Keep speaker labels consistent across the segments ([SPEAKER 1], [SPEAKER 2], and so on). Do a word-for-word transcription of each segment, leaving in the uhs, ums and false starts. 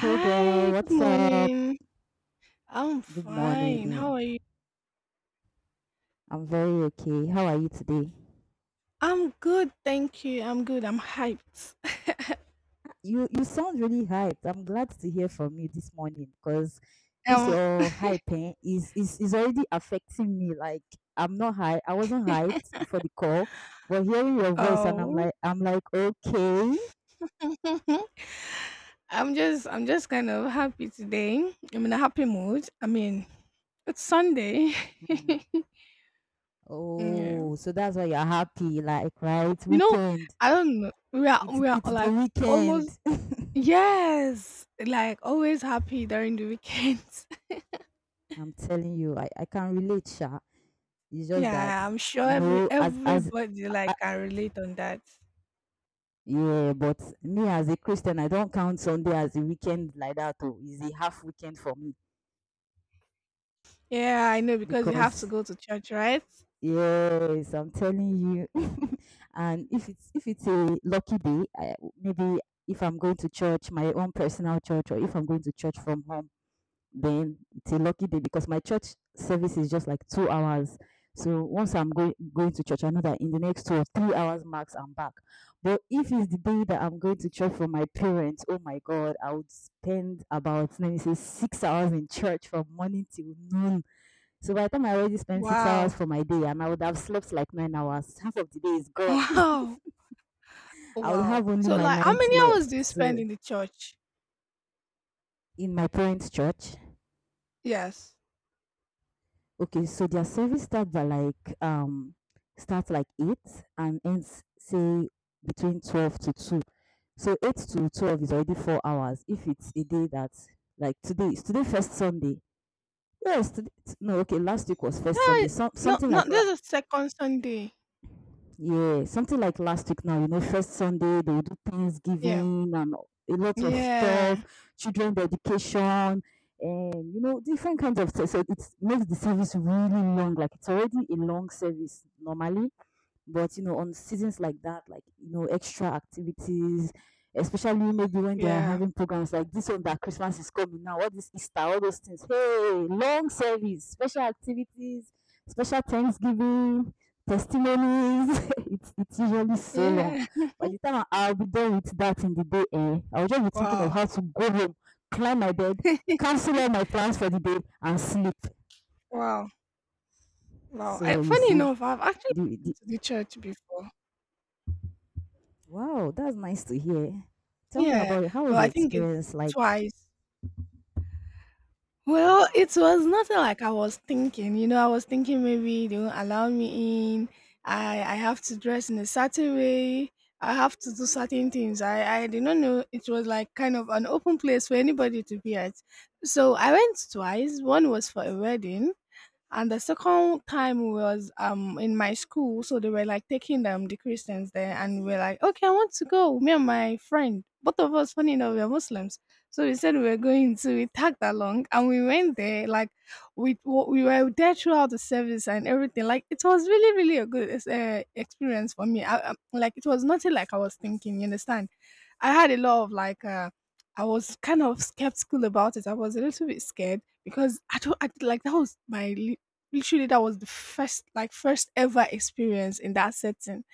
[SPEAKER 1] Hey girl,
[SPEAKER 2] good
[SPEAKER 1] what's up?
[SPEAKER 2] morning. I'm
[SPEAKER 1] Good
[SPEAKER 2] fine. How
[SPEAKER 1] morning.
[SPEAKER 2] are you?
[SPEAKER 1] I'm very okay. How are you today?
[SPEAKER 2] I'm good, thank you. I'm good. I'm hyped.
[SPEAKER 1] You you sound really hyped. I'm glad to hear from you this morning because this
[SPEAKER 2] Um,
[SPEAKER 1] your hype eh, is is is already affecting me. Like I'm not high. I wasn't hyped before the call, but hearing your voice and I'm
[SPEAKER 2] oh,
[SPEAKER 1] like I'm like okay.
[SPEAKER 2] I'm just, I'm just kind of happy today. I'm in a happy mood. I mean, it's Sunday.
[SPEAKER 1] Hmm.
[SPEAKER 2] yeah. You
[SPEAKER 1] Oh, so that's why you're happy, like right?
[SPEAKER 2] know,
[SPEAKER 1] Weekend.
[SPEAKER 2] I don't know. We are,
[SPEAKER 1] It's
[SPEAKER 2] we are
[SPEAKER 1] it's the
[SPEAKER 2] like almost,
[SPEAKER 1] weekend.
[SPEAKER 2] yes, like always happy during the weekends.
[SPEAKER 1] I'm telling you, I I can relate, Sha. It's just that
[SPEAKER 2] Yeah, I'm sure
[SPEAKER 1] you
[SPEAKER 2] every
[SPEAKER 1] know, as as
[SPEAKER 2] everybody
[SPEAKER 1] uh,
[SPEAKER 2] like can relate on that.
[SPEAKER 1] yeah, but me as a Christian, I don't count Sunday as a weekend like that. Oh, it's a half weekend for me
[SPEAKER 2] Yeah, I know because you have to
[SPEAKER 1] because
[SPEAKER 2] go to church, right?
[SPEAKER 1] yes, I'm telling you. and if it's if it's a lucky day, I, maybe if I'm going to church, my own personal church, or if I'm going to church from home. then it's a lucky day because my church service is just like two hours. So once I'm going going to church, I know that in the next two or three hours max, I'm back. But if it's the day that I'm going to church for my parents, oh my God, I would spend about let me say six hours in church from morning till noon. So by the time I already spend six hours
[SPEAKER 2] Wow.
[SPEAKER 1] for my day, and I would have slept like nine hours. Half of the day is gone.
[SPEAKER 2] Wow.
[SPEAKER 1] I would
[SPEAKER 2] Wow.
[SPEAKER 1] have only
[SPEAKER 2] So
[SPEAKER 1] my
[SPEAKER 2] like how
[SPEAKER 1] ninth
[SPEAKER 2] many hours do
[SPEAKER 1] left.
[SPEAKER 2] you spend
[SPEAKER 1] So
[SPEAKER 2] in the church?
[SPEAKER 1] in my parents' church,
[SPEAKER 2] Yes.
[SPEAKER 1] okay, so their service start by like um starts like eight and ends say between twelve to two. So eight to twelve is already four hours. If it's a day that like today is today first Sunday. Yes, today, no, okay, last week was first
[SPEAKER 2] Yeah.
[SPEAKER 1] Sunday. Some
[SPEAKER 2] No,
[SPEAKER 1] something
[SPEAKER 2] no,
[SPEAKER 1] like
[SPEAKER 2] there's a second Sunday.
[SPEAKER 1] yeah, something like last week now, you know,
[SPEAKER 2] Yeah.
[SPEAKER 1] first Sunday they will do
[SPEAKER 2] Yeah.
[SPEAKER 1] Thanksgiving and a lot of
[SPEAKER 2] Yeah.
[SPEAKER 1] stuff, children's education, and you know, different kinds of stuff. So it makes the service really long. Like it's already a long service normally, but you know, on seasons like that, like you know, extra activities, especially maybe when they are
[SPEAKER 2] Yeah.
[SPEAKER 1] having programs like this one that Christmas is coming now, all this Easter, all those things. Hey, long service, special activities, special Thanksgiving, testimonies. it's it's usually so long.
[SPEAKER 2] Yeah.
[SPEAKER 1] By the time I- I'll be done with that in the day, eh, I'll just be thinking of
[SPEAKER 2] Wow.
[SPEAKER 1] how to go home, climb my bed, cancel all my plans for the day, and sleep.
[SPEAKER 2] Wow. Wow.
[SPEAKER 1] So
[SPEAKER 2] I,
[SPEAKER 1] you
[SPEAKER 2] funny
[SPEAKER 1] see,
[SPEAKER 2] enough, I've actually
[SPEAKER 1] the,
[SPEAKER 2] been
[SPEAKER 1] the
[SPEAKER 2] to the church before.
[SPEAKER 1] Wow, that's nice to hear. Tell me
[SPEAKER 2] Yeah.
[SPEAKER 1] about it. How was
[SPEAKER 2] But
[SPEAKER 1] the
[SPEAKER 2] I think it's
[SPEAKER 1] experience like?
[SPEAKER 2] twice. Well, it
[SPEAKER 1] Wow.
[SPEAKER 2] was nothing like I was thinking. You know, I was thinking maybe they won't allow me in. I I have to dress in a certain way. I have to do certain things. I I did not know it was like kind of an open place for anybody to be at. So I went twice. One was for a wedding, and the second time was um in my school, so they were like taking um the Christians there, and we were like, okay, I want to go. Me and my friend, both of us, funny enough, we are Muslims, so we said we were going to. We tagged along, and we went there. Like we we were there throughout the service and everything. Like it was really really a good uh, experience for me. I, I, like it was nothing like I was thinking. You understand? I had a lot of like uh I was kind of skeptical about it. I was a little bit scared because I don't I, like that was my li- literally that was the first like first ever experience in that setting.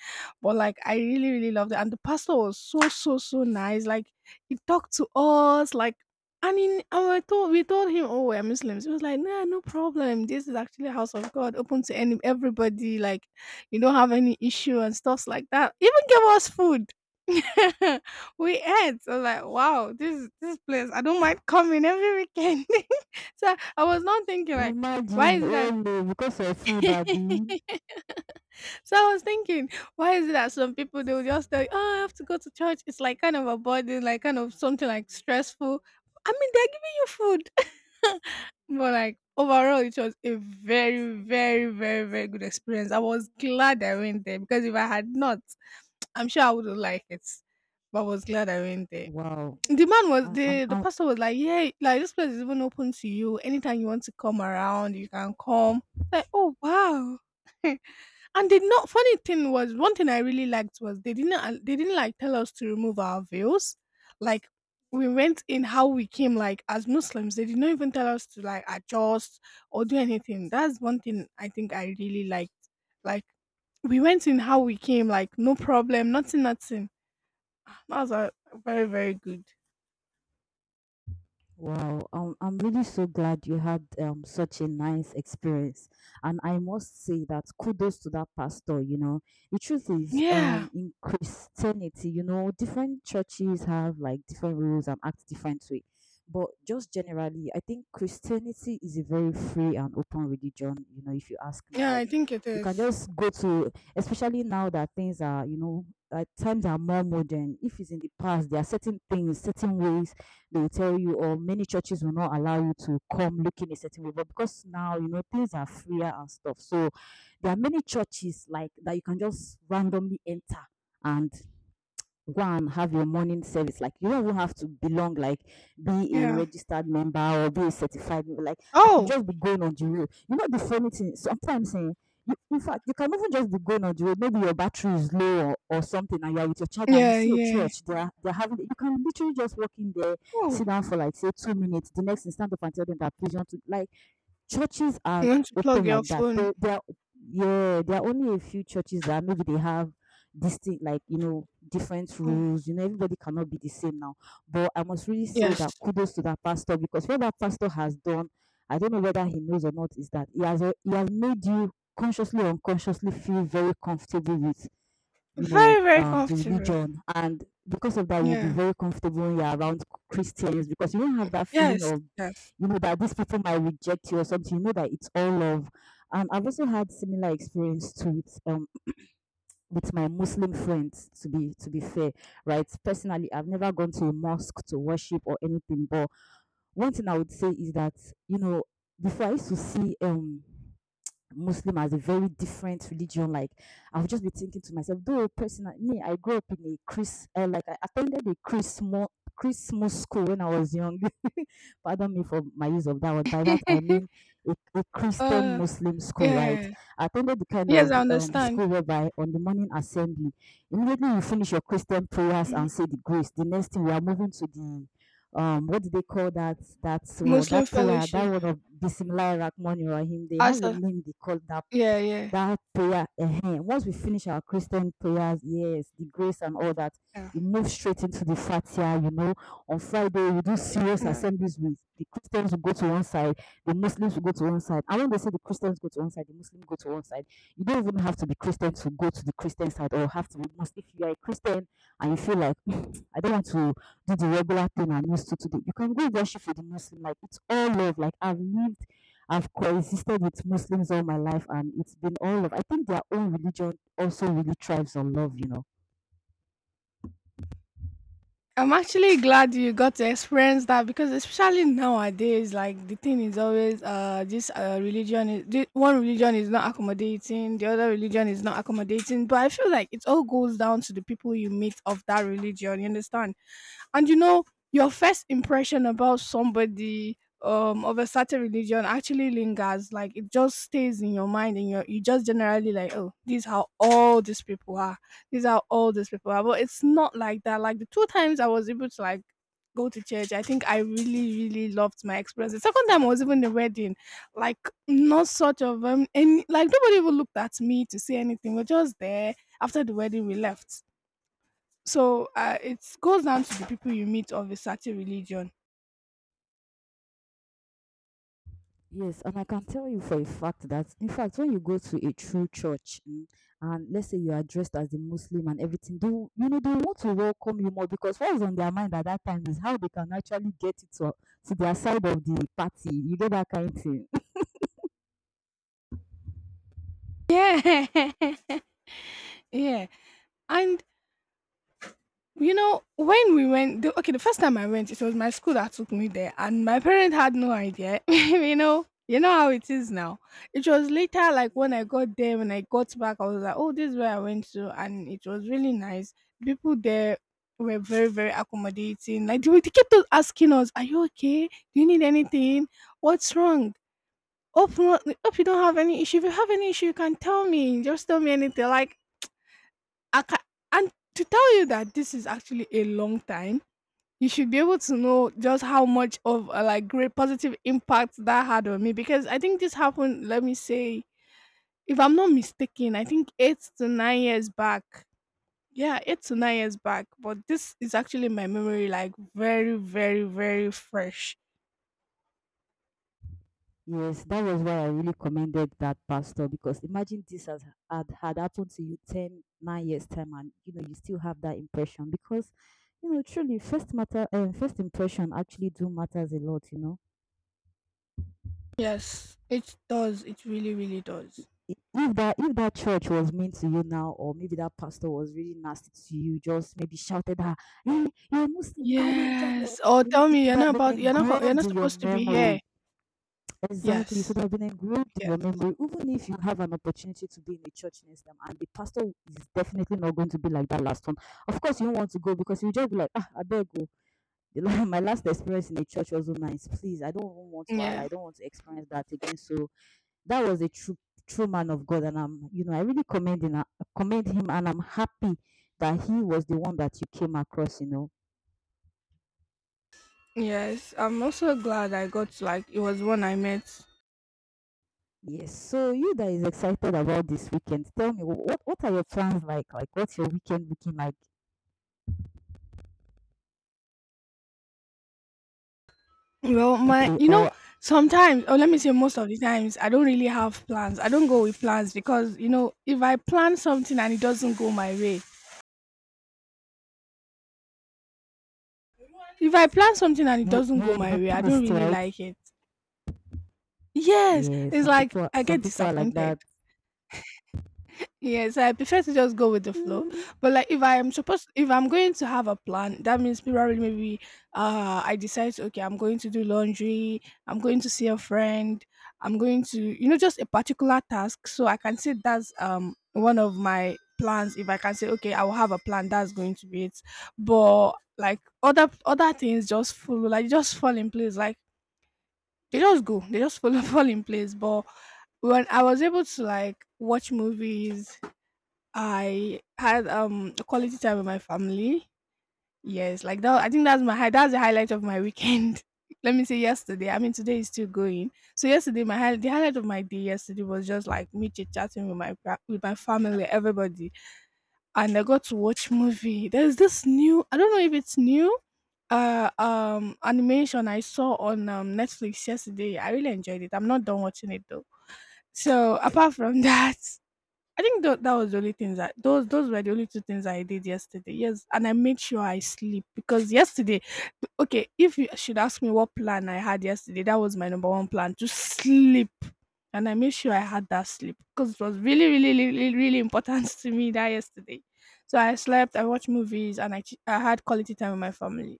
[SPEAKER 2] But like I really, really loved it. And the pastor was so, so, so nice. Like he talked to us, like and in and we told we told him, "Oh, we're Muslims." He was like, "Nah, no problem. This is actually a house of God, open to any everybody, like you don't have any issue and stuffs like that." Even gave us food. We ate. I was like, wow, this this place, I don't mind coming every weekend. So I was not thinking like, why
[SPEAKER 1] Imagine,
[SPEAKER 2] is
[SPEAKER 1] oh no, because of food, Abby.
[SPEAKER 2] that? So I was thinking, why is it that some people they will just tell you, "Oh, I have to go to church." It's like kind of a burden, like kind of something like stressful. I mean, they're giving you food, but like overall, it was a very, very, very, very good experience. I was glad I went there because if I had not, I'm sure I would have liked it. But I was glad I went there
[SPEAKER 1] Wow.
[SPEAKER 2] the man was
[SPEAKER 1] I- I'm,
[SPEAKER 2] the the
[SPEAKER 1] I'm,
[SPEAKER 2] pastor was like, "Yeah, like this place is even open to you. Anytime you want to come around, you can come." Like, oh wow. And did not funny thing was one thing I really liked was they didn't al- they didn't like tell us to remove our veils. Like we went in how we came like as Muslims. They did not even tell us to like adjust or do anything. That's one thing I think I really liked. Like we went in how we came, like no problem, nothing, nothing. That was uh, very, very good.
[SPEAKER 1] Wow, um, I'm really so glad you had um, such a nice experience. And I must say that kudos to that pastor, you know. The truth is, um,
[SPEAKER 2] Yeah.
[SPEAKER 1] in Christianity, you know, different churches have like different rules and act different way. But just generally, I think Christianity is a very free and open religion, you know, if you ask me.
[SPEAKER 2] Yeah,
[SPEAKER 1] Like,
[SPEAKER 2] I think it
[SPEAKER 1] you can
[SPEAKER 2] is.
[SPEAKER 1] just go to, especially now that things are, you know, uh, times are more modern. If it's in the past, there are certain things, certain ways they will tell you, or many churches will not allow you to come looking a certain way. But because now, you know, things are freer and stuff. So there are many churches like that you can just randomly enter and go and have your morning service. Like you don't even have to belong, like be a
[SPEAKER 2] Yeah.
[SPEAKER 1] registered member or be a certified member. Like I could
[SPEAKER 2] Oh.
[SPEAKER 1] just be going on the road. You know the funny thing, sometimes eh, you, in fact you can even just be going on the road. Maybe your battery is low or, or something, and you're with your charger and you
[SPEAKER 2] Yeah,
[SPEAKER 1] see a
[SPEAKER 2] yeah.
[SPEAKER 1] church. They're they're having. You can literally just walk in there,
[SPEAKER 2] Oh.
[SPEAKER 1] sit down for like say two minutes. The next instant up and tell them that please you want to like churches are
[SPEAKER 2] You want to plug
[SPEAKER 1] open
[SPEAKER 2] your
[SPEAKER 1] like that.
[SPEAKER 2] phone.
[SPEAKER 1] There, there, are, yeah, there are only a few churches that maybe they have distinct, like you know, different
[SPEAKER 2] Oh,
[SPEAKER 1] rules. You know, everybody cannot be the same now. But I must really say
[SPEAKER 2] yes.
[SPEAKER 1] that kudos to that pastor because what that pastor has done, I don't know whether he knows or not, is that he has he has made you consciously or unconsciously feel very comfortable with you know,
[SPEAKER 2] Very, very
[SPEAKER 1] um, the
[SPEAKER 2] comfortable.
[SPEAKER 1] religion. And because of that, you'll be
[SPEAKER 2] Yeah.
[SPEAKER 1] very comfortable when you're around Christians because you don't have that feeling
[SPEAKER 2] Yes.
[SPEAKER 1] of,
[SPEAKER 2] Yes.
[SPEAKER 1] you know, that these people might reject you or something. You know that it's all love. Um, I've also had similar experience to it um with my Muslim friends. To be to be fair, right? Personally, I've never gone to a mosque to worship or anything. But one thing I would say is that you know before I used to see um Muslim as a very different religion. Like I would just be thinking to myself, though personally, me, I grew up in a Chris, uh, like I attended a Christmas Christmas school when I was young. Pardon me for my use of that word. By that I mean a, a Christian
[SPEAKER 2] uh,
[SPEAKER 1] Muslim school, right?
[SPEAKER 2] yeah.
[SPEAKER 1] I attended the kind
[SPEAKER 2] Yes, I
[SPEAKER 1] of um,
[SPEAKER 2] understand.
[SPEAKER 1] school whereby on the morning assembly, immediately you finish your Christian prayers
[SPEAKER 2] Mm.
[SPEAKER 1] and say the grace. The next thing we are moving to the um what do they call that that well,
[SPEAKER 2] Muslim
[SPEAKER 1] that prayer
[SPEAKER 2] fellowship.
[SPEAKER 1] that one of Bismillah Rahman Rahim they have
[SPEAKER 2] As
[SPEAKER 1] a
[SPEAKER 2] a,
[SPEAKER 1] name they call that
[SPEAKER 2] yeah, yeah.
[SPEAKER 1] that prayer. Ehen. Once we finish our Christian prayers, yes, the grace and all that,
[SPEAKER 2] Yeah.
[SPEAKER 1] we move straight into the fatia. You know, on Friday we do serious
[SPEAKER 2] Yeah.
[SPEAKER 1] assemblies with the Christians will go to one side, the Muslims will go to one side. And when they say the Christians go to one side, the Muslims go to one side, you don't even have to be Christian to go to the Christian side or have to be Muslim. If you are a Christian and you feel like, "Hmm, I don't want to do the regular thing I'm used to today," you can go worship with the Muslim. Like it's all love. Like I've lived I've coexisted with Muslims all my life, and it's been all of. I think their own religion also really thrives on love, you know.
[SPEAKER 2] I'm actually glad you got to experience that because especially nowadays, like the thing is always uh this uh religion is thi- one religion is not accommodating, the other religion is not accommodating. But I feel like it all goes down to the people you meet of that religion. You understand? And you know, your first impression about somebody um of a certain religion actually lingers. Like it just stays in your mind and you you just generally like, oh, these how all these people are. These are all these people are. But it's not like that. Like the two times I was able to like go to church, I think I really, really loved my experience. The second time I was even the wedding, like not sort of um and like nobody even looked at me to say anything. We're just there. After the wedding we left. So uh, it goes down to the people you meet of a certain religion.
[SPEAKER 1] Yes, and I can tell you for a fact that, in fact, when you go to a true church, mm, and let's say you are dressed as a Muslim and everything, they will- you know they want to welcome you more because what is on their mind at that time is how they can actually get it to, to their side of the party. You get that kind of thing.
[SPEAKER 2] Yeah. Yeah. And you know, when we went, the, okay, the first time I went, it was my school that took me there, and my parents had no idea. You know, you know how it is now. It was later, like when I
[SPEAKER 1] Yeah.
[SPEAKER 2] got there, when I got back, I was like, oh, this is where I went to, and it was really nice. People there were very, very accommodating. Like they, were- they kept on asking us, "Are you okay? Do you need anything? What's wrong? Hope not hope you don't have any issue. If you have any issue, you can tell me. Just tell me anything." Like I can and to tell you that this is actually a long time, you should be able to know just how much of a like great positive impact that had on me. Because I think this happened, let me say, if I'm not mistaken, I think eight to nine years back. Yeah, eight to nine years back. But this is actually my memory, like very, very, very fresh.
[SPEAKER 1] Yes, that was why I really commended that pastor because imagine this has had, had happened to you ten nine years time and you know you still have that impression because you know truly first matter um, first impression actually do matters a lot, you know.
[SPEAKER 2] Yes, it does. It really, really
[SPEAKER 1] I-
[SPEAKER 2] does.
[SPEAKER 1] i- If that if that church was mean to you now or maybe that pastor was really nasty to you, just maybe shouted at, "Hey, you're a Muslim, you can't wear hijab, you're-"
[SPEAKER 2] Yes. "Oh,
[SPEAKER 1] you know,
[SPEAKER 2] tell
[SPEAKER 1] it
[SPEAKER 2] me
[SPEAKER 1] would
[SPEAKER 2] you're
[SPEAKER 1] have
[SPEAKER 2] not
[SPEAKER 1] been
[SPEAKER 2] about you're not co you're
[SPEAKER 1] engraved
[SPEAKER 2] not
[SPEAKER 1] in your
[SPEAKER 2] supposed to be
[SPEAKER 1] memory.
[SPEAKER 2] here."
[SPEAKER 1] Exactly. So they
[SPEAKER 2] Yes.
[SPEAKER 1] have been engraved in your
[SPEAKER 2] Yes.
[SPEAKER 1] memory, even if you have an opportunity to be in a church next time, and the pastor is definitely not going to be like that last one. Of course, you don't want to go because you just be like, ah, I beg go. My last experience in a church was so nice. Please, I don't even want to. I
[SPEAKER 2] Yeah.
[SPEAKER 1] don't want to experience that again. So that was a true, true man of God, and I'm, you know, I really commend him. uh, Commend him, and I'm happy that he was the one that you came across. You know,
[SPEAKER 2] Yes. I'm also glad I got like it was one I met
[SPEAKER 1] yes. So you that is excited about this weekend, tell me wh- what what are your plans like? Like what's your weekend looking like?
[SPEAKER 2] well, my
[SPEAKER 1] Okay,
[SPEAKER 2] you know,
[SPEAKER 1] or
[SPEAKER 2] sometimes or let me say most of the times I don't really have plans. I don't go with plans because, you know, if I plan something and it doesn't go my way if I plan something and it
[SPEAKER 1] you
[SPEAKER 2] doesn't
[SPEAKER 1] you
[SPEAKER 2] go
[SPEAKER 1] would
[SPEAKER 2] my
[SPEAKER 1] be
[SPEAKER 2] way, I don't
[SPEAKER 1] pissed,
[SPEAKER 2] really
[SPEAKER 1] right?
[SPEAKER 2] like it. Yes.
[SPEAKER 1] Yeah,
[SPEAKER 2] It's
[SPEAKER 1] some
[SPEAKER 2] like
[SPEAKER 1] people
[SPEAKER 2] I
[SPEAKER 1] some
[SPEAKER 2] get
[SPEAKER 1] people are like
[SPEAKER 2] disappointed.
[SPEAKER 1] that.
[SPEAKER 2] Yes, I prefer to just go with the flow.
[SPEAKER 1] Mm,
[SPEAKER 2] But like if I am supposed if I'm going to have a plan, that means probably maybe uh I decide okay, I'm going to do laundry, I'm going to see a friend, I'm going to you know, just a particular task. So I can say that's um one of my plans if I can say okay, I will have a plan, that's going to be it. But like other other things just follow, like just fall in place. Like they just go, they just follow fall in place. But when I was able to like watch movies I had um a quality time with my family. Yes, like that. I think that's my high. That's the highlight of my weekend. Let me say yesterday. I mean, today is still going. So yesterday, my high, the highlight of my day yesterday was just like me chit chatting with my fa- with my family, everybody, and I got to watch movie. There's this new. I don't know if it's new. Uh, um, animation I saw on um, Netflix yesterday. I really enjoyed it. I'm not done watching it though. So apart from that, I think tho- that was the only things that those those were the only two things I did yesterday. Yes, and I made sure I sleep because yesterday, okay, if you should ask me what plan I had yesterday, that was my number one plan to sleep, and I made sure I had that sleep because it was really really really really really important to me that yesterday. So I slept, I watched movies, and I ch- I had quality time with my family.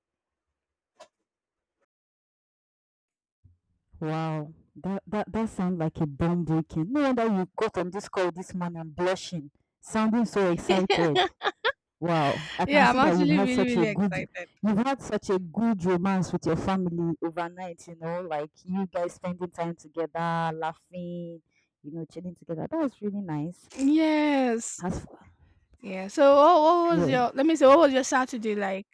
[SPEAKER 1] wow. That that that sounds like a bomb breaking. No wonder you got on this call this morning blushing, sounding so excited. Wow, I can
[SPEAKER 2] Yeah,
[SPEAKER 1] see
[SPEAKER 2] I'm
[SPEAKER 1] that you've
[SPEAKER 2] actually
[SPEAKER 1] had
[SPEAKER 2] really
[SPEAKER 1] such a
[SPEAKER 2] really
[SPEAKER 1] good
[SPEAKER 2] excited.
[SPEAKER 1] you've had such a good romance with your family overnight, you know, like you guys spending time together, laughing, you know, chilling together. That was really nice.
[SPEAKER 2] Yes,
[SPEAKER 1] As for,
[SPEAKER 2] yeah. So what, what was
[SPEAKER 1] yeah.
[SPEAKER 2] your? Let me say, what was your Saturday like?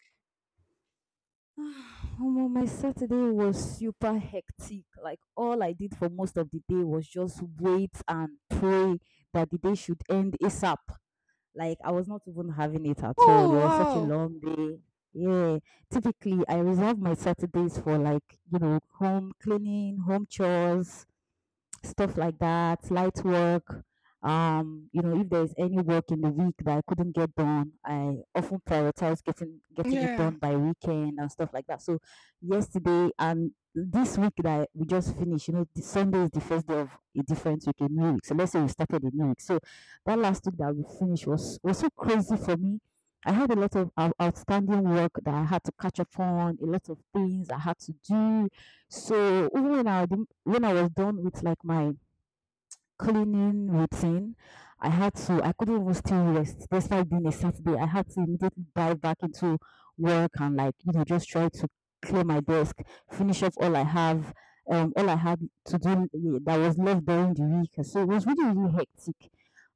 [SPEAKER 1] Omo, my Saturday was super hectic. Like all I did for most of the day was just wait and pray that the day should end a sap. Like I was not even having it at all. It
[SPEAKER 2] Oh
[SPEAKER 1] was such a
[SPEAKER 2] wow.
[SPEAKER 1] long day. Yeah. Typically, I reserve my Saturdays for like, you know, home cleaning, home chores, stuff like that, light work. Um, you know, if there's any work in the week that I couldn't get done, I often prioritize getting getting it
[SPEAKER 2] Yeah.
[SPEAKER 1] done by weekend and stuff like that. So yesterday and this week that we just finished, you know, the Sunday is the first day of a different week, a new week. So let's say we started a new week. So that last week that we finished was was so crazy for me. I had a lot of out- outstanding work that I had to catch up on, a lot of things I had to do, so even when I didn't- when I was done with like my cleaning routine, I had to I couldn't even still rest despite being a Saturday. I had to immediately dive back into work and like you know just try to clear my desk, finish up all I have, um, all I had to do eh, that was left during the week. So it was really really hectic.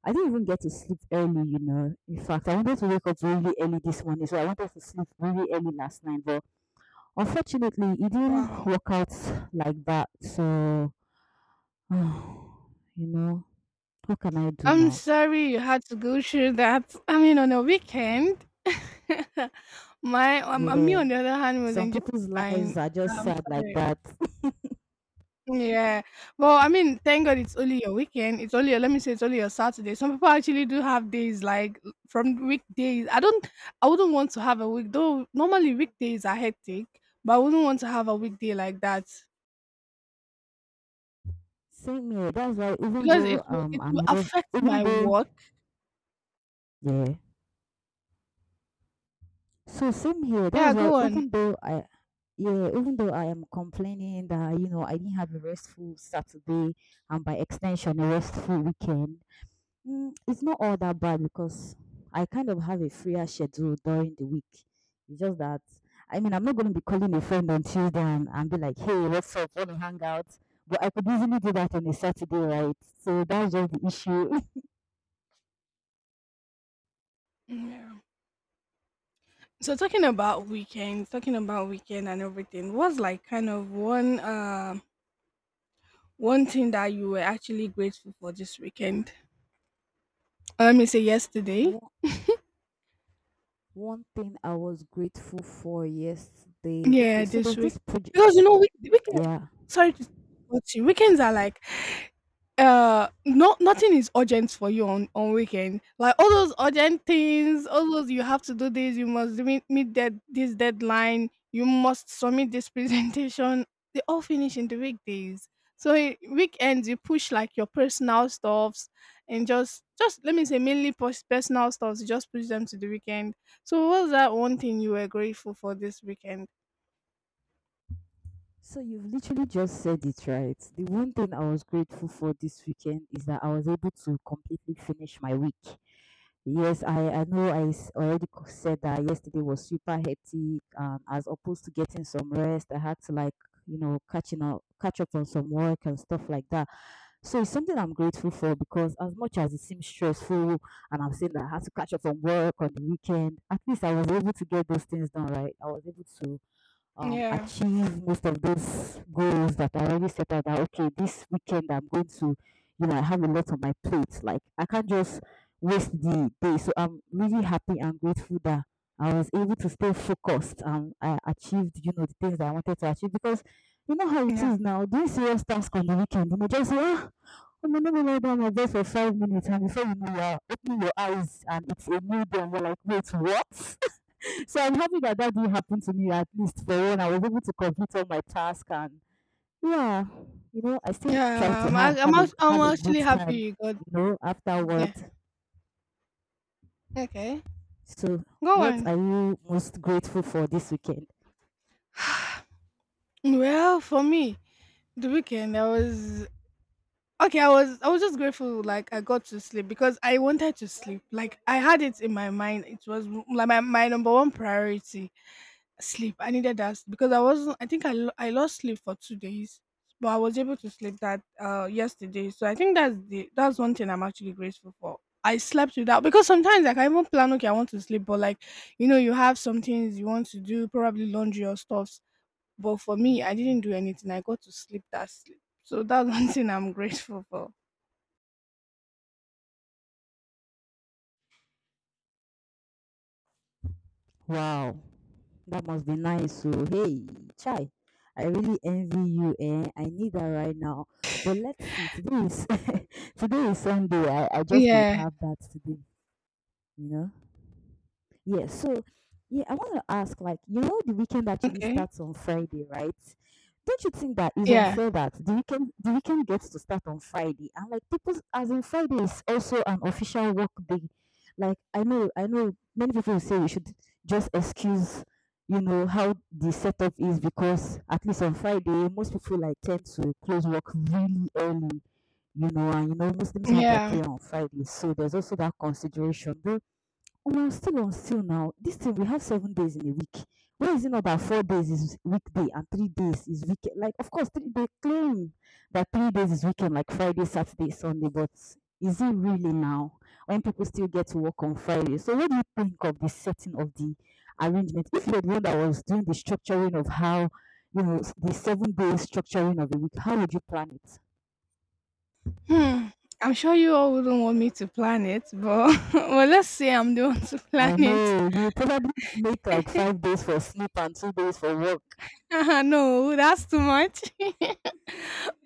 [SPEAKER 1] I didn't even get to sleep early, you know. In fact, I wanted to wake up really early this morning, so I wanted to sleep really early last night, but unfortunately, it didn't
[SPEAKER 2] Wow.
[SPEAKER 1] work out like that. So, you know, what can I do
[SPEAKER 2] I'm
[SPEAKER 1] now?
[SPEAKER 2] sorry you had to go through that. I mean, on a weekend, my um, uh, me
[SPEAKER 1] Yeah,
[SPEAKER 2] on the other hand was
[SPEAKER 1] some
[SPEAKER 2] enjoying
[SPEAKER 1] people's
[SPEAKER 2] mine.
[SPEAKER 1] lives are just
[SPEAKER 2] I'm
[SPEAKER 1] sad like
[SPEAKER 2] sorry.
[SPEAKER 1] that.
[SPEAKER 2] Yeah. Well, I mean, thank God it's only your weekend. It's only your, let me say it's only your Saturday. Some people actually do have days like from weekdays. I don't. I wouldn't want to have a week though. Normally weekdays are hectic, but I wouldn't want to have a weekday like that
[SPEAKER 1] Same here. That's why even
[SPEAKER 2] because it
[SPEAKER 1] though
[SPEAKER 2] will
[SPEAKER 1] um
[SPEAKER 2] it will
[SPEAKER 1] I'm here,
[SPEAKER 2] affect
[SPEAKER 1] even
[SPEAKER 2] my
[SPEAKER 1] though
[SPEAKER 2] work.
[SPEAKER 1] yeah. So same here.
[SPEAKER 2] Yeah.
[SPEAKER 1] That's why
[SPEAKER 2] Go on.
[SPEAKER 1] even though I yeah, even though I am complaining that you know I didn't have a restful Saturday and by extension a restful weekend, Mm, it's not all that bad because I kind of have a freer schedule during the week. It's just that I mean I'm not going to be calling a friend on Tuesday and, and be like, "Hey, what's up? Want to hang out?" But I could easily do that on a Saturday, right? So that's just the issue.
[SPEAKER 2] Yeah. So talking about weekend, talking about weekend and everything, what's like kind of one um one thing that you were actually grateful for this weekend? Or let me say yesterday.
[SPEAKER 1] One, one thing I was grateful for yesterday. Okay,
[SPEAKER 2] Yeah,
[SPEAKER 1] so
[SPEAKER 2] this
[SPEAKER 1] there's
[SPEAKER 2] week.
[SPEAKER 1] this project.
[SPEAKER 2] Because you know, week, weekend
[SPEAKER 1] Yeah,
[SPEAKER 2] sorry to cut you. Weekends are like uh no nothing is urgent for you on on weekend, like all those urgent things, all those you have to do this, you must meet, meet that, this deadline you must submit this presentation, they all finish in the weekdays. So i- weekends you push like your personal stuffs, and just just let me say mainly pers- personal stuffs you just push them to the weekend. So what was that one thing you were grateful for this weekend?
[SPEAKER 1] so you've literally just said it right. The one thing I was grateful for this weekend is that I was able to completely finish my week. Yes, I, I know I s- already co- said that yesterday was super hectic. Um, as opposed to getting some rest, I had to like, you know, catching up, catch up on some work and stuff like that. So it's something I'm grateful for because as much as it seems stressful and I'm saying that I had to catch up on work on the weekend, at least I was able to get those things done, right? I was able to um,
[SPEAKER 2] yeah
[SPEAKER 1] achieve most of those goals that I already set out that okay, this weekend I'm going to, you know, I have a lot on my plate. Like I can't just waste the day. So I'm really happy and grateful that I was able to stay focused and I achieved, you know, the things that I wanted to achieve because you know how it
[SPEAKER 2] yeah
[SPEAKER 1] is now, doing serious task on the weekend, you know, just say, ah, oh, no, no, no, no, no, no, I'm gonna lay down my bed for five minutes and before you know you're opening your eyes and it's a new day and you're like, wait, what? So I'm happy that that did happen to me at least for when I was able to complete all my task and yeah, you know, I still try
[SPEAKER 2] yeah
[SPEAKER 1] to
[SPEAKER 2] i'm,
[SPEAKER 1] ha-
[SPEAKER 2] I, I'm,
[SPEAKER 1] have a
[SPEAKER 2] act- I'm
[SPEAKER 1] have a good
[SPEAKER 2] actually happy
[SPEAKER 1] time,
[SPEAKER 2] you got.
[SPEAKER 1] you know, afterward.
[SPEAKER 2] Yeah. Okay.
[SPEAKER 1] So
[SPEAKER 2] Go
[SPEAKER 1] what
[SPEAKER 2] on.
[SPEAKER 1] are you most grateful for this weekend?
[SPEAKER 2] Well, for me, the weekend I was okay. I was I was just grateful, like I got to sleep because I wanted to sleep. Like I had it in my mind. It was m- like my, my number one priority. Sleep. I needed that because I wasn't. I think I lo- I lost sleep for two days, but I was able to sleep that uh yesterday. So I think that's the that's one thing I'm actually grateful for. I slept without, because sometimes like I even plan, okay, I want to sleep, but like you know you have some things you want to do, probably laundry or stuff. But for me, I didn't do anything. I got to sleep that sleep. So that's one thing I'm grateful for.
[SPEAKER 1] Wow, that must be nice. So hey, Chai, I really envy you eh? I need that right now. But let's see, today is today is Sunday. I, I just might
[SPEAKER 2] Yeah.
[SPEAKER 1] have that today, you know. Yes. So, yeah, I want to ask, like, you know, the weekend actually
[SPEAKER 2] Okay.
[SPEAKER 1] starts on Friday, right? Don't you think that is
[SPEAKER 2] Yeah.
[SPEAKER 1] unfair that the weekend the weekend gets to start on Friday and like people as in Friday is also an official work day. Like I know I know many people will say we should just excuse you know how the setup is because at least on Friday most people like tend to close work really early, you know, and you know Muslims have their
[SPEAKER 2] Yeah.
[SPEAKER 1] prayer on Friday, so there's also that consideration. Omo, I'm still on sale now. This thing we have seven days in a week. Why is it not that four days is weekday and three days is weekend? Like, of course, three, they claim that three days is weekend, like Friday, Saturday, Sunday, but is it really now when people still get to work on Friday? So, what do you think of the setting of the arrangement? If you're the one that was doing the structuring of how, you know, s- the seven days structuring of the week, how would you plan it?
[SPEAKER 2] Hmm. I'm sure you all wouldn't want me to plan it, but well, let's say I'm the one to plan
[SPEAKER 1] I
[SPEAKER 2] it.
[SPEAKER 1] know you probably make like five days for sleep and two days for work.
[SPEAKER 2] No, that's too much.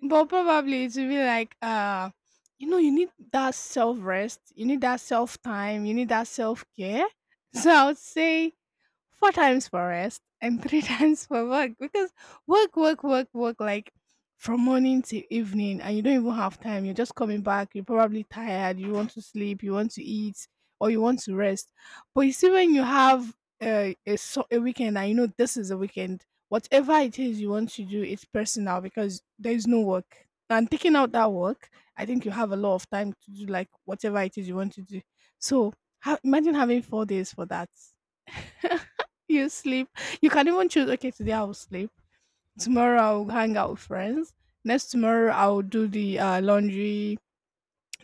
[SPEAKER 2] But probably it will be like, uh, you know, you need that self rest, you need that self time, you need that self care. So I would say four times for rest and three times for work, because work, work, work, work, like from morning to evening, and you don't even have time. You're just coming back. You're probably tired. You want to sleep. You want to eat, or you want to rest. But you see, when you have uh, a so- a weekend, and you know this is a weekend, whatever it is you want to do, it's personal because there is no work. And taking out that work, I think you have a lot of time to do like whatever it is you want to do. So ha- imagine having four days for that. You sleep. You can even choose, okay, today I'll sleep. Tomorrow I'll hang out with friends. Next tomorrow I'll do the uh, laundry,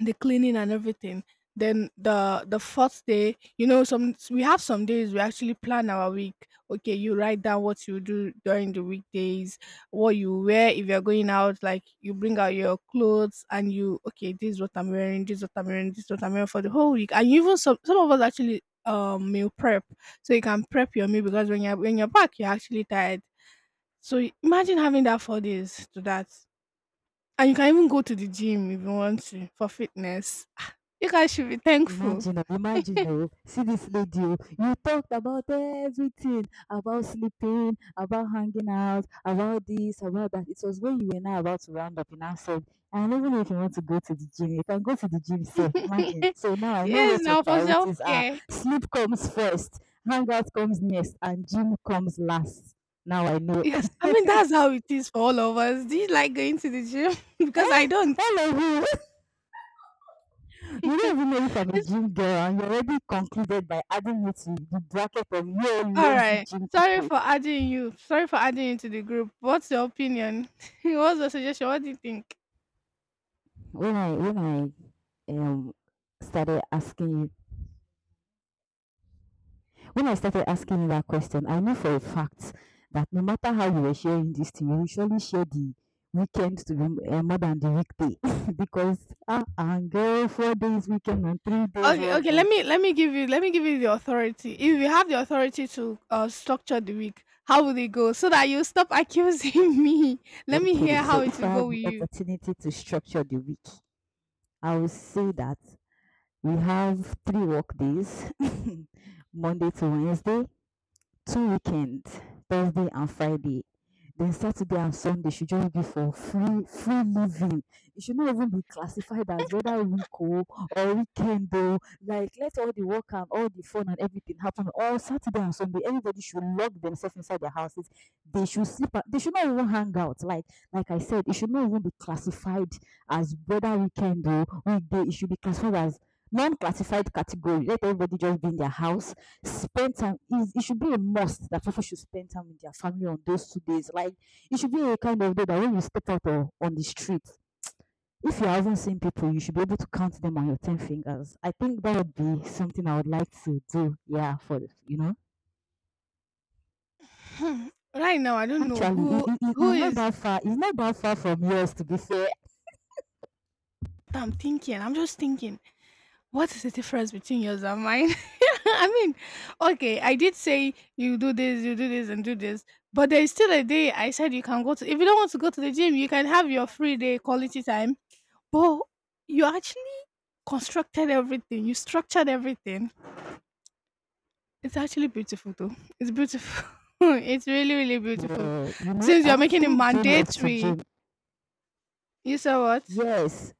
[SPEAKER 2] the cleaning and everything. Then the the fourth day, you know, some we have some days we actually plan our week. Okay, you write down what you do during the weekdays, what you wear if you're going out. Like you bring out your clothes and you okay, this is what I'm wearing, this is what I'm wearing, this is what I'm wearing for the whole week. And even some some of us actually um meal prep, so you can prep your meal because when you're when you're back, you're actually tired. So imagine having that four days to that, and you can even go to the gym if you want to for fitness. You guys should be thankful.
[SPEAKER 1] Imagine, oh, imagine, oh, see this lady, oh, you talked about everything, about sleeping, about hanging out, about this, about that. It was when you were now about to round up, you now said, I don't even know if you want to go to the gym. You can go to the gym safe, imagine. So now I know
[SPEAKER 2] Yes,
[SPEAKER 1] what your
[SPEAKER 2] now for
[SPEAKER 1] priorities are.
[SPEAKER 2] self-care.
[SPEAKER 1] Sleep comes first, hangout comes next, and gym comes last. Now I know.
[SPEAKER 2] Yes, I mean, that's how it is for all of us. Do you like going to the gym? Because
[SPEAKER 1] Eh?
[SPEAKER 2] I don't.
[SPEAKER 1] All of you, you don't even know if I'm a
[SPEAKER 2] It's
[SPEAKER 1] gym girl, and you already concluded by adding me to the bracket of you all
[SPEAKER 2] all
[SPEAKER 1] lazy
[SPEAKER 2] right.
[SPEAKER 1] gym
[SPEAKER 2] Sorry
[SPEAKER 1] people.
[SPEAKER 2] for adding you. Sorry for adding you to the group. What's your opinion? What's your suggestion? What do you think?
[SPEAKER 1] when I when I um started asking you when I started asking you that question, I know for a fact that no matter how you were sharing this thing, you will surely share the weekend to be uh, more than the weekday because ah uh, girl, four days weekend and three days
[SPEAKER 2] Okay,
[SPEAKER 1] work
[SPEAKER 2] okay.
[SPEAKER 1] day.
[SPEAKER 2] Let me let me give you let me give you the authority. If you have the authority to uh, structure the week, how will it go? So that you stop accusing me. Let me
[SPEAKER 1] Okay,
[SPEAKER 2] hear
[SPEAKER 1] so
[SPEAKER 2] how it
[SPEAKER 1] if I
[SPEAKER 2] will go
[SPEAKER 1] had the
[SPEAKER 2] with you.
[SPEAKER 1] opportunity to structure the week, I would say that we have three work days, Monday to Wednesday, two weekends, Thursday and Friday. Then Saturday and Sunday should just be for free free living. It should not even be classified as whether week oh or weekend though. Like let all the work and all the fun and everything happen all Saturday and Sunday. Everybody should lock themselves inside their houses. They should sleep. out- They should not even hang out. Like like I said, it should not even be classified as whether weekend or weekday. It should be classified as non-classified category. Let everybody just be in their house. Spend time, is it should be a must that people should spend time with their family on those two days. Like it should be a kind of day that when you step out o- on the street, if you haven't seen people, you should be able to count them on your ten fingers. I think that would be something I would like to do. Yeah, for you know,
[SPEAKER 2] Hmm, right now, I don't know
[SPEAKER 1] actually, it, it,
[SPEAKER 2] who
[SPEAKER 1] it- it's
[SPEAKER 2] who
[SPEAKER 1] not
[SPEAKER 2] is
[SPEAKER 1] that far. It's not that far from yours. To be fair,
[SPEAKER 2] what I'm thinking. I'm just thinking, what is the difference between yours and mine? I mean, okay, I did say you do this, you do this, and do this, but there is still a day I said you can go to. If you don't want to go to the gym, you can have your free day quality time. But you actually constructed everything. You structured everything. It's actually beautiful, though. It's beautiful. It's really, really beautiful.
[SPEAKER 1] yeah, you know,
[SPEAKER 2] Since
[SPEAKER 1] I
[SPEAKER 2] you're making it
[SPEAKER 1] actually do love to
[SPEAKER 2] mandatory,
[SPEAKER 1] gym.
[SPEAKER 2] you saw what?
[SPEAKER 1] Yes,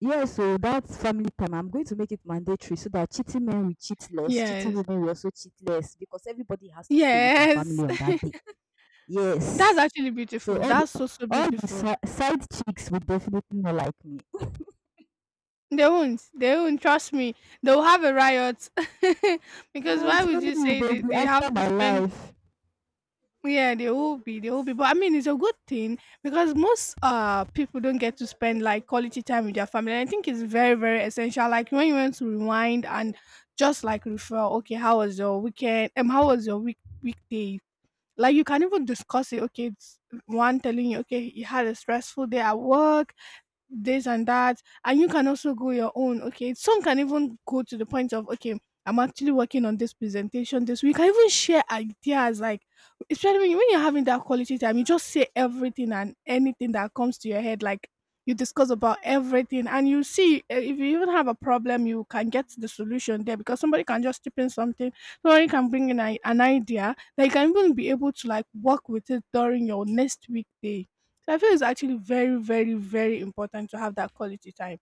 [SPEAKER 1] yes so, that's family time, I'm going to make it mandatory so that cheating men will cheat less, cheating
[SPEAKER 2] Yes.
[SPEAKER 1] women will also cheat less because everybody has to stay with their family
[SPEAKER 2] Yes.
[SPEAKER 1] on that day.
[SPEAKER 2] That's
[SPEAKER 1] Yes.
[SPEAKER 2] actually
[SPEAKER 1] So
[SPEAKER 2] beautiful.
[SPEAKER 1] all the
[SPEAKER 2] That's so, so
[SPEAKER 1] all the
[SPEAKER 2] beautiful.
[SPEAKER 1] si- side chicks will definitely not like me.
[SPEAKER 2] They won't. They won't. Trust me. They'll have a riot. Because
[SPEAKER 1] I'm
[SPEAKER 2] why would
[SPEAKER 1] telling
[SPEAKER 2] you
[SPEAKER 1] you,
[SPEAKER 2] say
[SPEAKER 1] they'll
[SPEAKER 2] they,
[SPEAKER 1] be
[SPEAKER 2] they have
[SPEAKER 1] after
[SPEAKER 2] to
[SPEAKER 1] my
[SPEAKER 2] spend?
[SPEAKER 1] life.
[SPEAKER 2] Yeah, they will be. They will be. But I mean, it's a good thing because most uh people don't get to spend like quality time with their family. And I think it's very, very essential. Like when you want to rewind and just like refer, okay, how was your weekend? Um, how was your week weekday? Like you can even discuss it. Okay, it's one telling you, okay, you had a stressful day at work, this and that, and you can also go your own, okay, some can even go to the point of okay, I'm actually working on this presentation this week. I even share ideas, like especially when you- when you're having that quality time, you just say everything and anything that comes to your head, like you discuss about everything. And you see, eh, if you even have a problem, you can get the solution there because somebody can just tip in something, somebody can bring in a, an idea that you can even be able to like work with it during your next weekday. So I feel it's actually very, very, very important to have that quality time.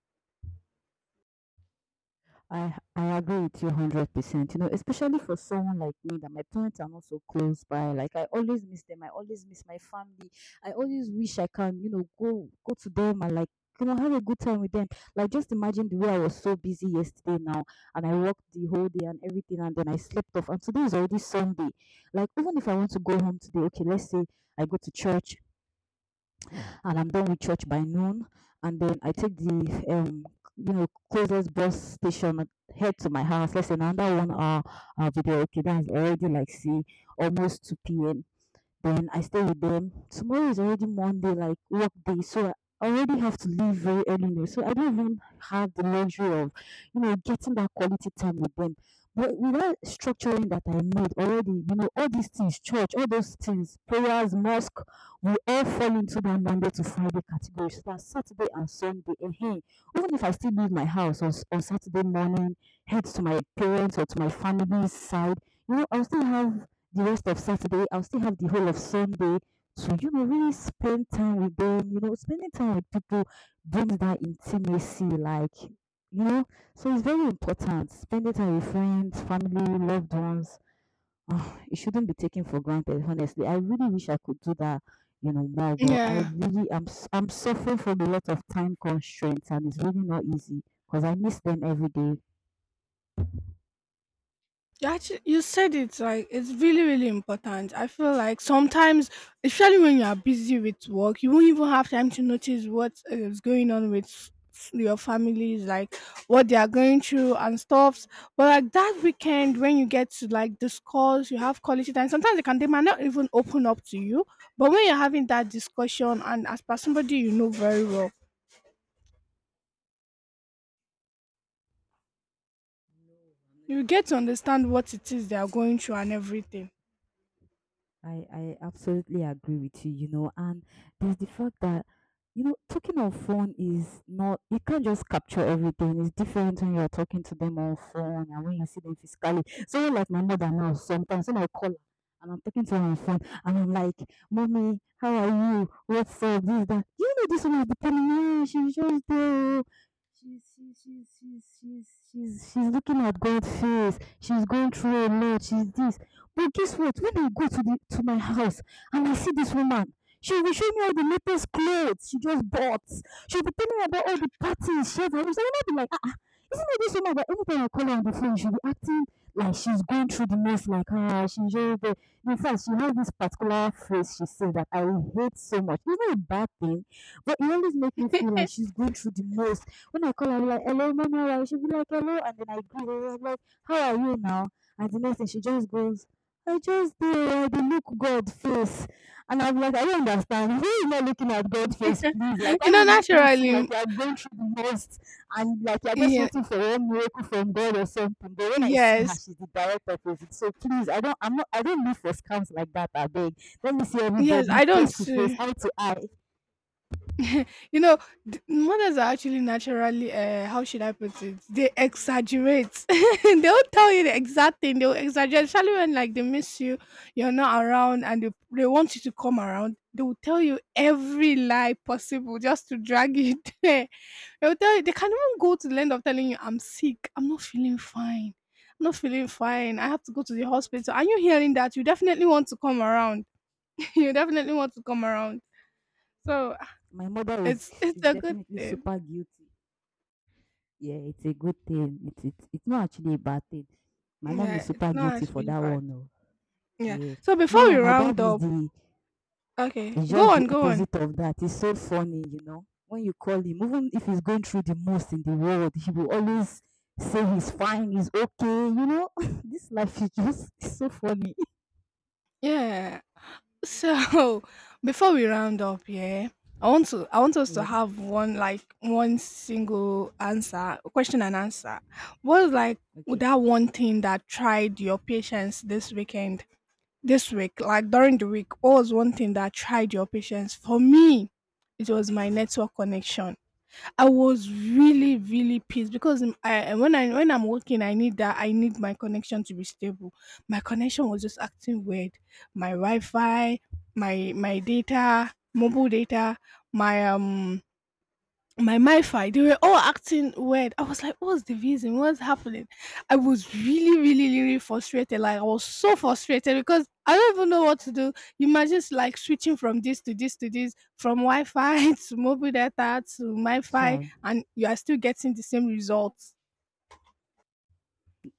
[SPEAKER 1] I I agree with you hundred percent. You know, especially for someone like me that my parents are not so close by. Like I always miss them. I always miss my family. I always wish I can, you know, go go to them and like you know have a good time with them. Like just imagine the way I was so busy yesterday now, and I worked the whole day and everything, and then I slept off. And today is already Sunday. Like even if I want to go home today, okay, let's say I go to church and I'm done with church by noon. And then I take the um you know closest bus station, head to my house. Let's say another one hour uh, video. Okay, that's already like see almost two p m. Then I stay with them. Tomorrow is already Monday, like work day, so I already have to leave very early now. So I don't even have the luxury of, you know, getting that quality time with them. But without structuring that I made already, you know, all these things, church, all those things, prayers, mosque, we all fall into that Monday to Friday category. So that Saturday and Sunday, and hey, even if I still leave my house on, s- on Saturday morning, head to my parents or to my family's side, you know, I'll still have the rest of Saturday. I'll still have the whole of Sunday to, you know, really spend time with them. You know, spending time with people brings that intimacy, like, you know, so it's very important. Spending time with friends, family, loved ones. Ah, it shouldn't be taken for granted, honestly. I really wish I could do that, you know, more, but I
[SPEAKER 2] Yeah.
[SPEAKER 1] really am, s- I'm suffering from a lot of time constraints, and it's really not easy because I miss them every day.
[SPEAKER 2] You actually you said it like it's really, really important. I feel like sometimes, especially when you are busy with work, you won't even have time to notice what is going on with f- your families, like what they are going through and stuffs. But like that weekend, when you get to like discuss, you have quality time. Sometimes they can they might not even open up to you. But when you're having that discussion and as per somebody you know very well, you get to understand what it is they are going through and everything.
[SPEAKER 1] I, I absolutely agree with you, you know, and there's the fact that, you know, talking on phone is not, you can't just capture everything. It's different when you're talking to them on phone and when you see them physically. So, like my mother now, sometimes when I call her and I'm talking to her on phone and I'm like, Mommy, how are you? What's up? This, that. Do you know this one is depending on me? "Ah, she's just there. Oh. She's, she's, she's, she's, she's, she's, she's looking at God's face. She's going through a lot. She's this." But guess what? When I go to the to my house and I see this woman, she will be showing me all the latest clothes she just bought. She'll be telling me about all the parties she had. I will not be like, ah, ah, isn't it this woman that anytime I call her on the phone, she'll be acting like she's going through the most, like, ah, she's just there. In fact, she has this particular phrase she said that I hate so much. It's not a bad thing, but it always makes me feel like she's going through the most. When I call her, I'll be like, "Hello, mommy, all right?" She'll be like, hello, and then I greet her, I'm like, how are you now? And the next thing, she just goes, I just dey, I dey look God face. And I'm like, I don't understand. Why you not looking at God face, please? Like, why
[SPEAKER 2] You know,
[SPEAKER 1] you making it seem like
[SPEAKER 2] naturally,
[SPEAKER 1] you're going through the most and like you're just
[SPEAKER 2] yeah,
[SPEAKER 1] waiting for one miracle from God or something? But when I see her,
[SPEAKER 2] yes,
[SPEAKER 1] she's the direct opposite. So please, I don't, I'm not, I don't live for scams like that. I beg. Let me see
[SPEAKER 2] yes,
[SPEAKER 1] everybody
[SPEAKER 2] I
[SPEAKER 1] face
[SPEAKER 2] don't.
[SPEAKER 1] to face,
[SPEAKER 2] uh,
[SPEAKER 1] eye to eye.
[SPEAKER 2] You know, th- mothers are actually naturally, uh, how should I put it? They exaggerate. They don't tell you the exact thing. They'll exaggerate, especially when like they miss you, you're not around, and they, they want you to come around. They will tell you every lie possible just to drag you there. They'll tell you they can even go to the end of telling you, "I'm sick. I'm not feeling fine. I'm not feeling fine. I have to go to the hospital." Are you hearing that, you definitely want to come around. You definitely want to come around. So
[SPEAKER 1] My mother is
[SPEAKER 2] it's it's
[SPEAKER 1] is
[SPEAKER 2] a good
[SPEAKER 1] definitely
[SPEAKER 2] thing.
[SPEAKER 1] super guilty. Yeah, it's a good thing. It's it's, it's not actually a bad thing. My mom is
[SPEAKER 2] Yeah, it's
[SPEAKER 1] super
[SPEAKER 2] not
[SPEAKER 1] guilty
[SPEAKER 2] as
[SPEAKER 1] for
[SPEAKER 2] really
[SPEAKER 1] that
[SPEAKER 2] bad.
[SPEAKER 1] one. Oh.
[SPEAKER 2] Yeah.
[SPEAKER 1] Yeah.
[SPEAKER 2] So before we
[SPEAKER 1] Miriam, my dad
[SPEAKER 2] round
[SPEAKER 1] is
[SPEAKER 2] up,
[SPEAKER 1] the
[SPEAKER 2] okay,
[SPEAKER 1] is
[SPEAKER 2] go
[SPEAKER 1] just the
[SPEAKER 2] on, go on.
[SPEAKER 1] opposite of that. He's so funny, you know. When you call him, even if he's going through the most in the world, he will always say he's fine, he's okay, you know. This life is just so funny.
[SPEAKER 2] Yeah. So before we round up, yeah, I want to I want us to
[SPEAKER 1] Yeah.
[SPEAKER 2] have one like one single answer, question and answer. What is like
[SPEAKER 1] Okay.
[SPEAKER 2] that one thing that tried your patience this weekend? This week, like during the week, what was one thing that tried your patience? For me, it was my network connection. I was really,
[SPEAKER 1] Mm.
[SPEAKER 2] really pissed because um, I when I when I'm working, I need that. I need my connection to be stable. My connection was just acting weird. My Wi-Fi, my my data, mobile data, my um my mifi, they were all acting weird. I was like, what's the reason? What's happening? I was really, really, really frustrated. Like I was so frustrated because I don't even know what to do. You imagine s- like switching from this to this to this, from Wi-Fi to mobile data to MiFi,
[SPEAKER 1] Shy.
[SPEAKER 2] and you are still getting the same results.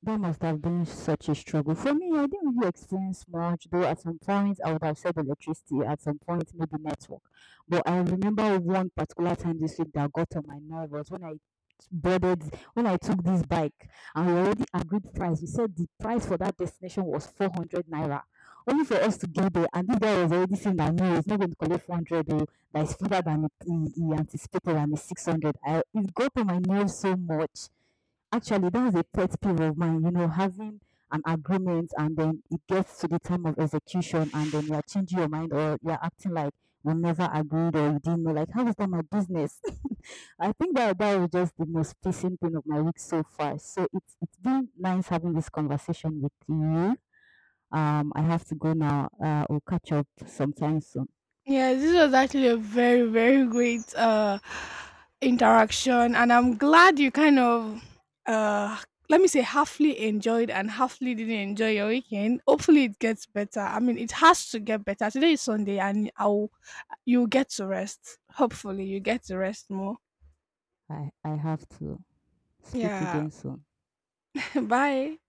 [SPEAKER 1] That must have been such a struggle. For me, I didn't really experience much, though at some point I would have said electricity, at some point maybe network. But I remember one particular time this week that got on my nerve was when I boarded when I took this bike and we already agreed price. We said the price for that destination was four hundred naira. Only for us to get there, and this guy was already saying that no, he's not going to collect four hundred. Oh, that is further than he, he anticipated, and it's six hundred. I It got on my nerves so much. Actually, that was a pet peeve of mine, you know, having an agreement and then it gets to the time of execution and then you're changing your mind or you're acting like we never agreed or you didn't know. Like, how is that my business? I think that that was just the most pissing thing of my week so far. So it's it's been nice having this conversation with you. Um, I have to go now. Uh, we'll catch up sometime soon.
[SPEAKER 2] Yes, this was actually a very, very great uh interaction, and I'm glad you kind of uh let me say halfly enjoyed and halfly didn't enjoy your weekend. Hopefully it gets better. I mean it has to get better. Today is Sunday and I'll you'll get to rest. Hopefully you get to rest more.
[SPEAKER 1] I I have to speak
[SPEAKER 2] Yeah.
[SPEAKER 1] again soon.
[SPEAKER 2] Bye.